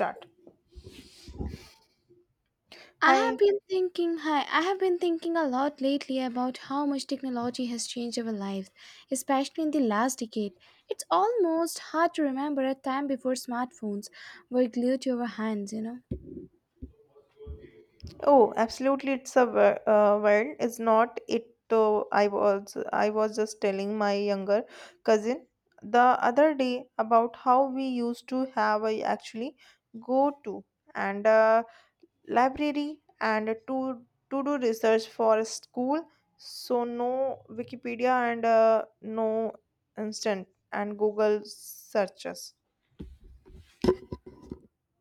Start. Hi. I have been thinking a lot lately about how much technology has changed our lives, especially in the last decade. It's almost hard to remember a time before smartphones were glued to our hands, you know. Oh, absolutely. It's a world. It's not it. Though I was just telling my younger cousin the other day about how we used to have a actually go to and a library and to do research for school. So no Wikipedia and no instant and Google searches.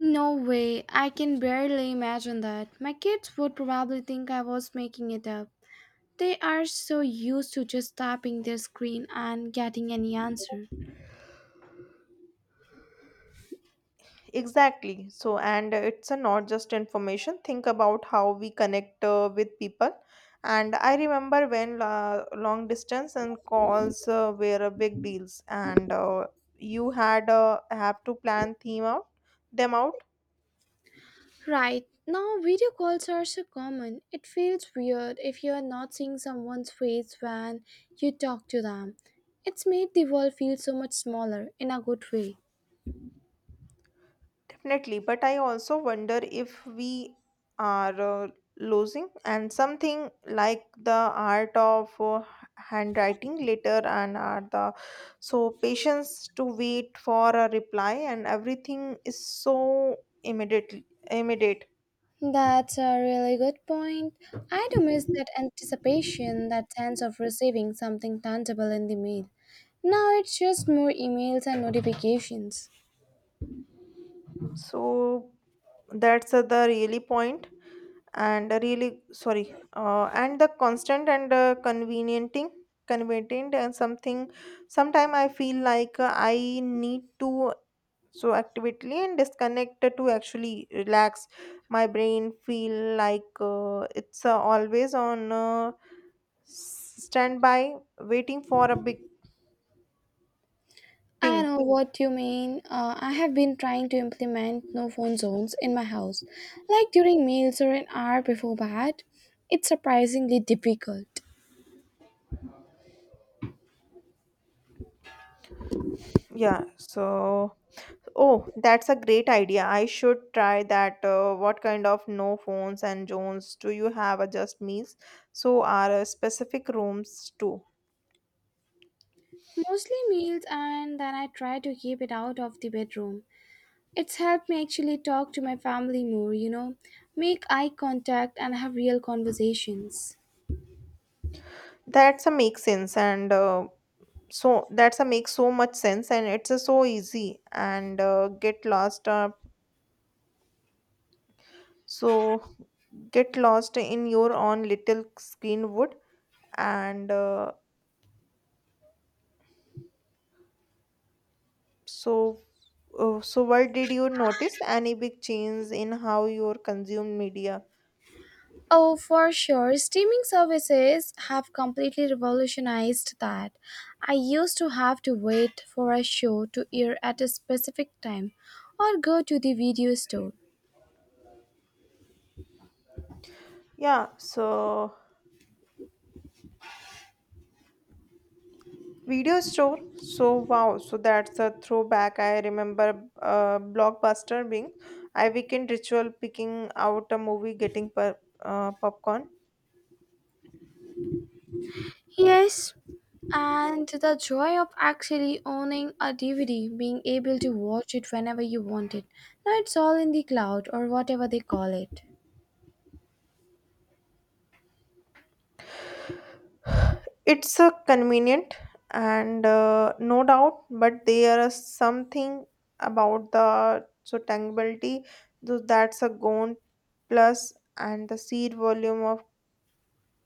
No way, I can barely imagine that. My kids would probably think I was making it up. They are so used to just tapping their screen and getting any answer. Exactly. So, and it's a not just information. Think about how we connect with people. And I remember when long distance and calls were a big deals, and you had have to plan them out. Right. Now, video calls are so common. It feels weird if you are not seeing someone's face when you talk to them. It's made the world feel so much smaller in a good way. Definitely, but I also wonder if we are losing and something like the art of handwriting later and are the so patience to wait for a reply and everything is so immediately immediate. That's a really good point. I do miss that anticipation, that sense of receiving something tangible in the mail. Now it's just more emails and notifications. So that's the really point. And really sorry and the constant and conveniencing convenient and something sometime I feel like I need to so actively and disconnect to actually relax. My brain feel like it's always on standby, waiting for a big I ping. know what you mean. I have been trying to implement no phone zones in my house, like during meals or an hour before bed. It's surprisingly difficult. Yeah, so, oh, that's a great idea. I should try that. What kind of no phones and zones do you have? Just meals, so are specific rooms too. Mostly meals, and then I try to keep it out of the bedroom. It's helped me actually talk to my family more, you know, make eye contact and have real conversations. That's a make sense, and so that's a make so much sense, and it's so easy and get lost. So get lost in your own little screen wood, and so so what did you notice? Any big change in how you consume media? Oh, for sure. Streaming services have completely revolutionized that. I used to have to wait for a show to air at a specific time or go to the video store. Yeah, so. Video store? So wow, so that's a throwback. I remember Blockbuster being I weekend ritual picking out a movie, getting popcorn. Yes, and the joy of actually owning a DVD, being able to watch it whenever you want it. Now it's all in the cloud or whatever they call it. It's a convenient and no doubt, but there is something about the so tangibility. So that's a gone plus and the seed volume of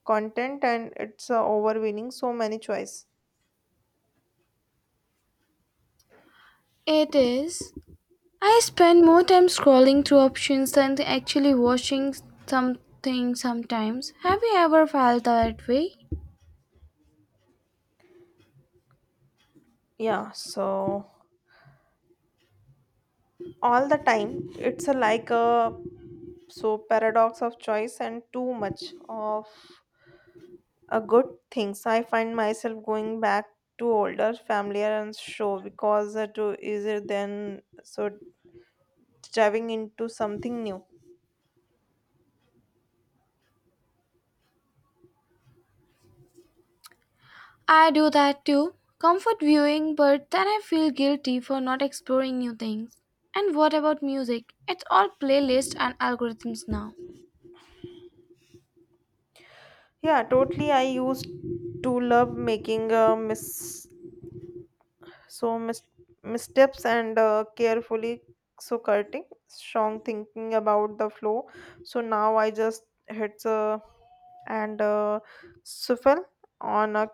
content and it's overwhelming so many choice. It is, I spend more time scrolling through options than actually watching something sometimes. Have you ever felt that way? Yeah, so all the time, it's a like a so paradox of choice and too much of a good things. I find myself going back to older familiar and show because it's easier than so diving into something new. I do that too. Comfort viewing, but then I feel guilty for not exploring new things. And what about music? It's all playlists and algorithms now. Yeah, totally. I used to love making a miss so mis- missteps and carefully so cutting strong, thinking about the flow. So now I just hit and shuffle on a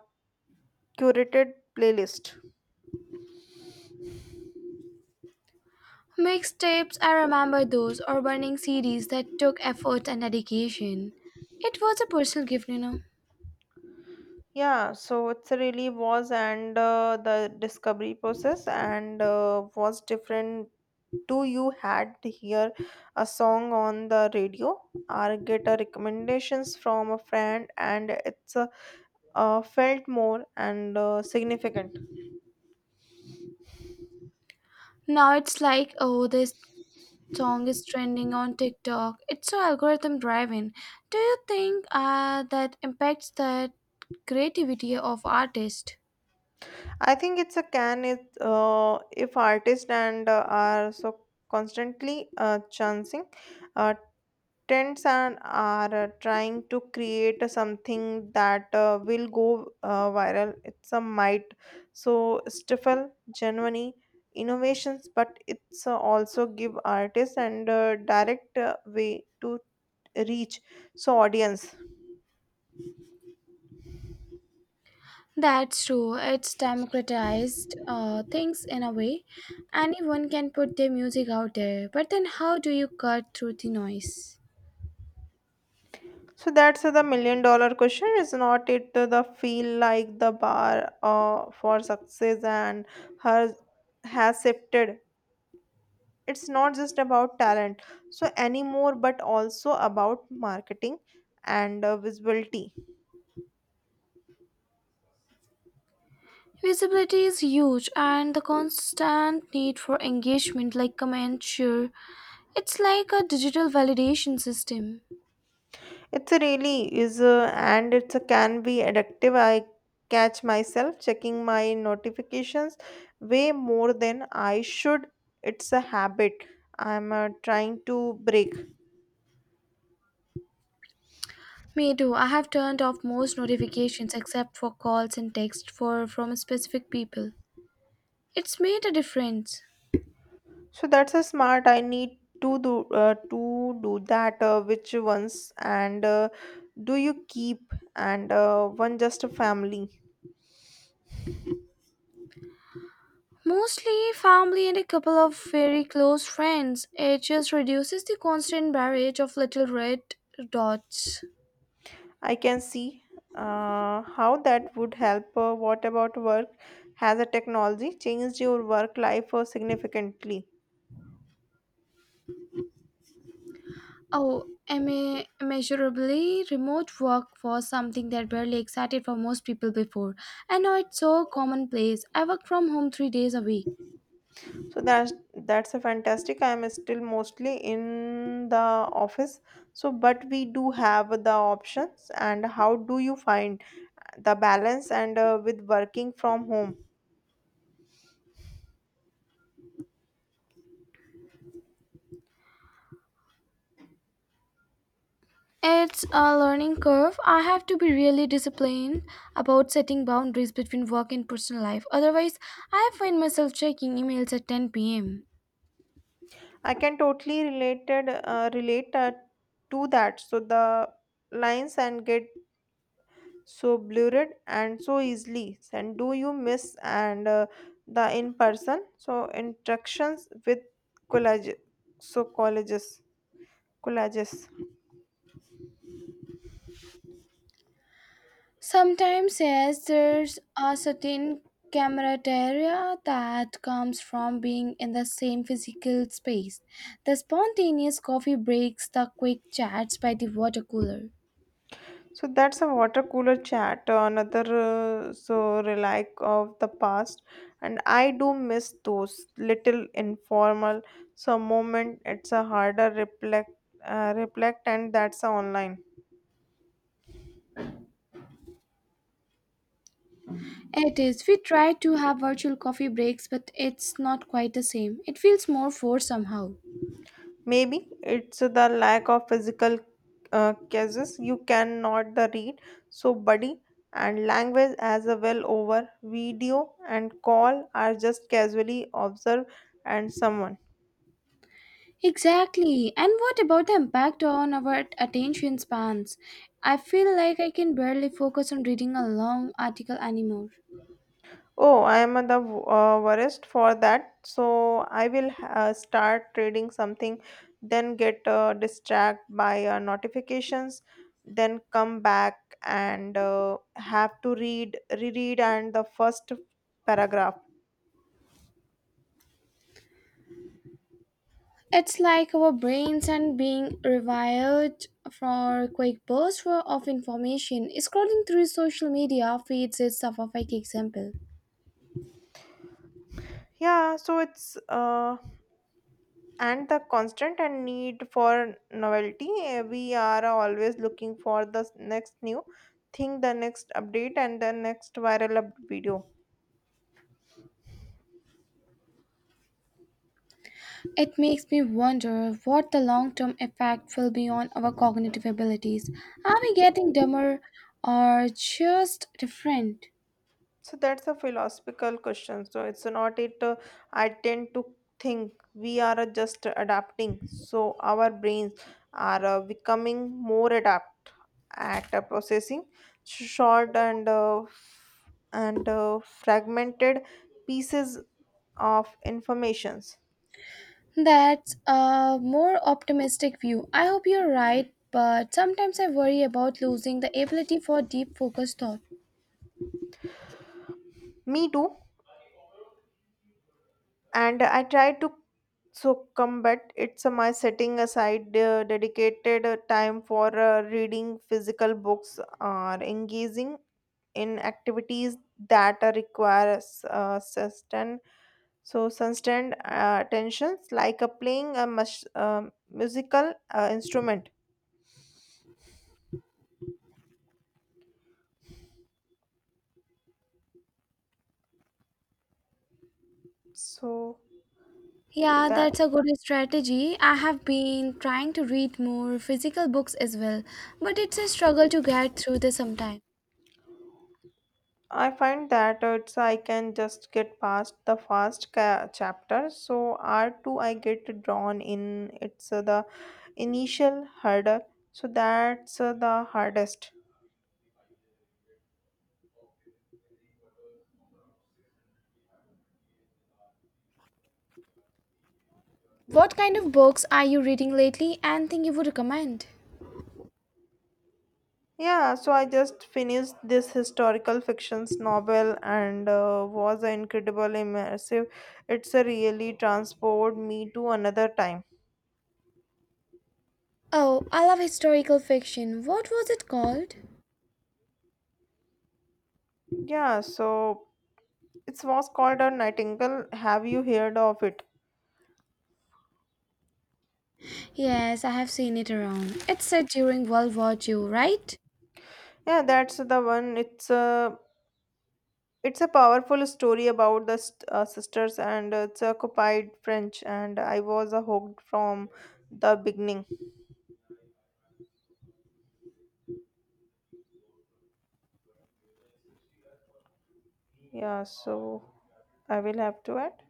curated playlist. Mixtapes, I remember those, or burning CDs that took effort and dedication. It was a personal gift, you know. Yeah, so it's really was and the discovery process and was different. Do you had to hear a song on the radio or get a recommendations from a friend, and it's a felt more and significant. Now it's like, oh, this song is trending on TikTok. It's all algorithm driven. Do you think that impacts the creativity of artists? I think it's a can if artists and are so constantly chancing uh, trends and are trying to create something that will go viral. It's a might so stifle genuine innovations, but it's also give artists and direct way to reach so audience. That's true. It's democratized things in a way. Anyone can put their music out there, but then how do you cut through the noise? So that's the million-dollar question, is not it? The feel like the bar for success and has has shifted. It's not just about talent, so anymore, but also about marketing and visibility. Visibility is huge, and the constant need for engagement, like comments, share. It's like a digital validation system. It really is, and it can be addictive. I catch myself checking my notifications way more than I should. It's a habit I'm trying to break. Me too. I have turned off most notifications except for calls and texts for from specific people. It's made a difference. So that's a smart. I need to do that. Which ones and do you keep and one just a family? Mostly family and a couple of very close friends. It just reduces the constant barrage of little red dots. I can see how that would help. What about work? Has a technology changed your work life significantly? Oh, immeasurably, remote work was something that barely excited for most people before. And now it's so commonplace. I work from home 3 days a week. So that's a fantastic. I'm still mostly in the office. So, but we do have the options. And how do you find the balance and with working from home? It's a learning curve. I have to be really disciplined about setting boundaries between work and personal life. Otherwise, I find myself checking emails at 10 p.m. I can totally relate to that. So the lines and get so blurred and so easily. And do you miss and the in person? So interactions with collage so colleges collages. Sometimes, yes, there's a certain camaraderie that comes from being in the same physical space. The spontaneous coffee breaks, the quick chats by the water cooler. So that's a water cooler chat, another so relic of the past, and I do miss those little informal. So moment, it's a harder reflect, and that's a online. It is. We try to have virtual coffee breaks, but it's not quite the same. It feels more forced somehow. Maybe it's the lack of physical cases you cannot the read. So body and language as a well over video and call are just casually observed and someone. Exactly. And what about the impact on our attention spans? I feel like I can barely focus on reading a long article anymore. Oh, I am the worst for that. So I will start reading something, then get distracted by notifications, then come back and have to reread and the first paragraph. It's like our brains are being rewired for quick bursts of information. Scrolling through social media feeds is a perfect example. Yeah, so it's and the constant and need for novelty. We are always looking for the next new thing, the next update, and the next viral up video. It makes me wonder what the long term effect will be on our cognitive abilities. Are we getting dumber or just different? So that's a philosophical question. So it's not it. I tend to think we are just adapting. So our brains are becoming more adapt at processing short and fragmented pieces of informations. That's a more optimistic view. I hope you're right, but sometimes I worry about losing the ability for deep focused thought. Me too. And I try to so combat it's my setting aside dedicated time for reading physical books or engaging in activities that require sustained attentions, like playing a musical instrument. So Yeah, that that's a good strategy. I have been trying to read more physical books as well, but it's a struggle to get through this sometimes. I find that it's I can just get past the first chapter so r2 I get drawn in. It's the initial hurdle, so that's the hardest. What kind of books are you reading lately and think you would recommend? Yeah, so I just finished this historical fictions novel and was incredible immersive. It's a really transport me to another time. Oh, I love historical fiction. What was it called? Yeah, so it was called a Nightingale. Have you heard of it? Yes, I have seen it around. It's set during World War II, right? Yeah, that's the one. It's a powerful story about the sisters and it's occupied French, and I was hooked from the beginning. Yeah, so I will have to add.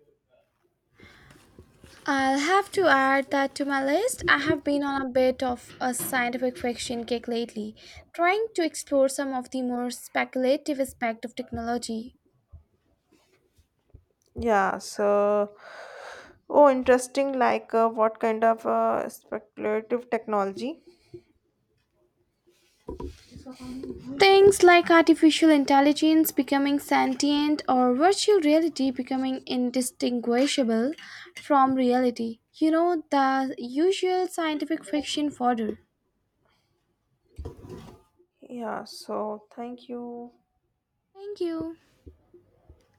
I'll have to add that to my list. I have been on a bit of a scientific fiction kick lately, trying to explore some of the more speculative aspects of technology. Yeah, so, oh, interesting. Like, what kind of speculative technology? Things like artificial intelligence becoming sentient or virtual reality becoming indistinguishable from reality. You know, the usual scientific fiction fodder. Yeah, so thank you. Thank you.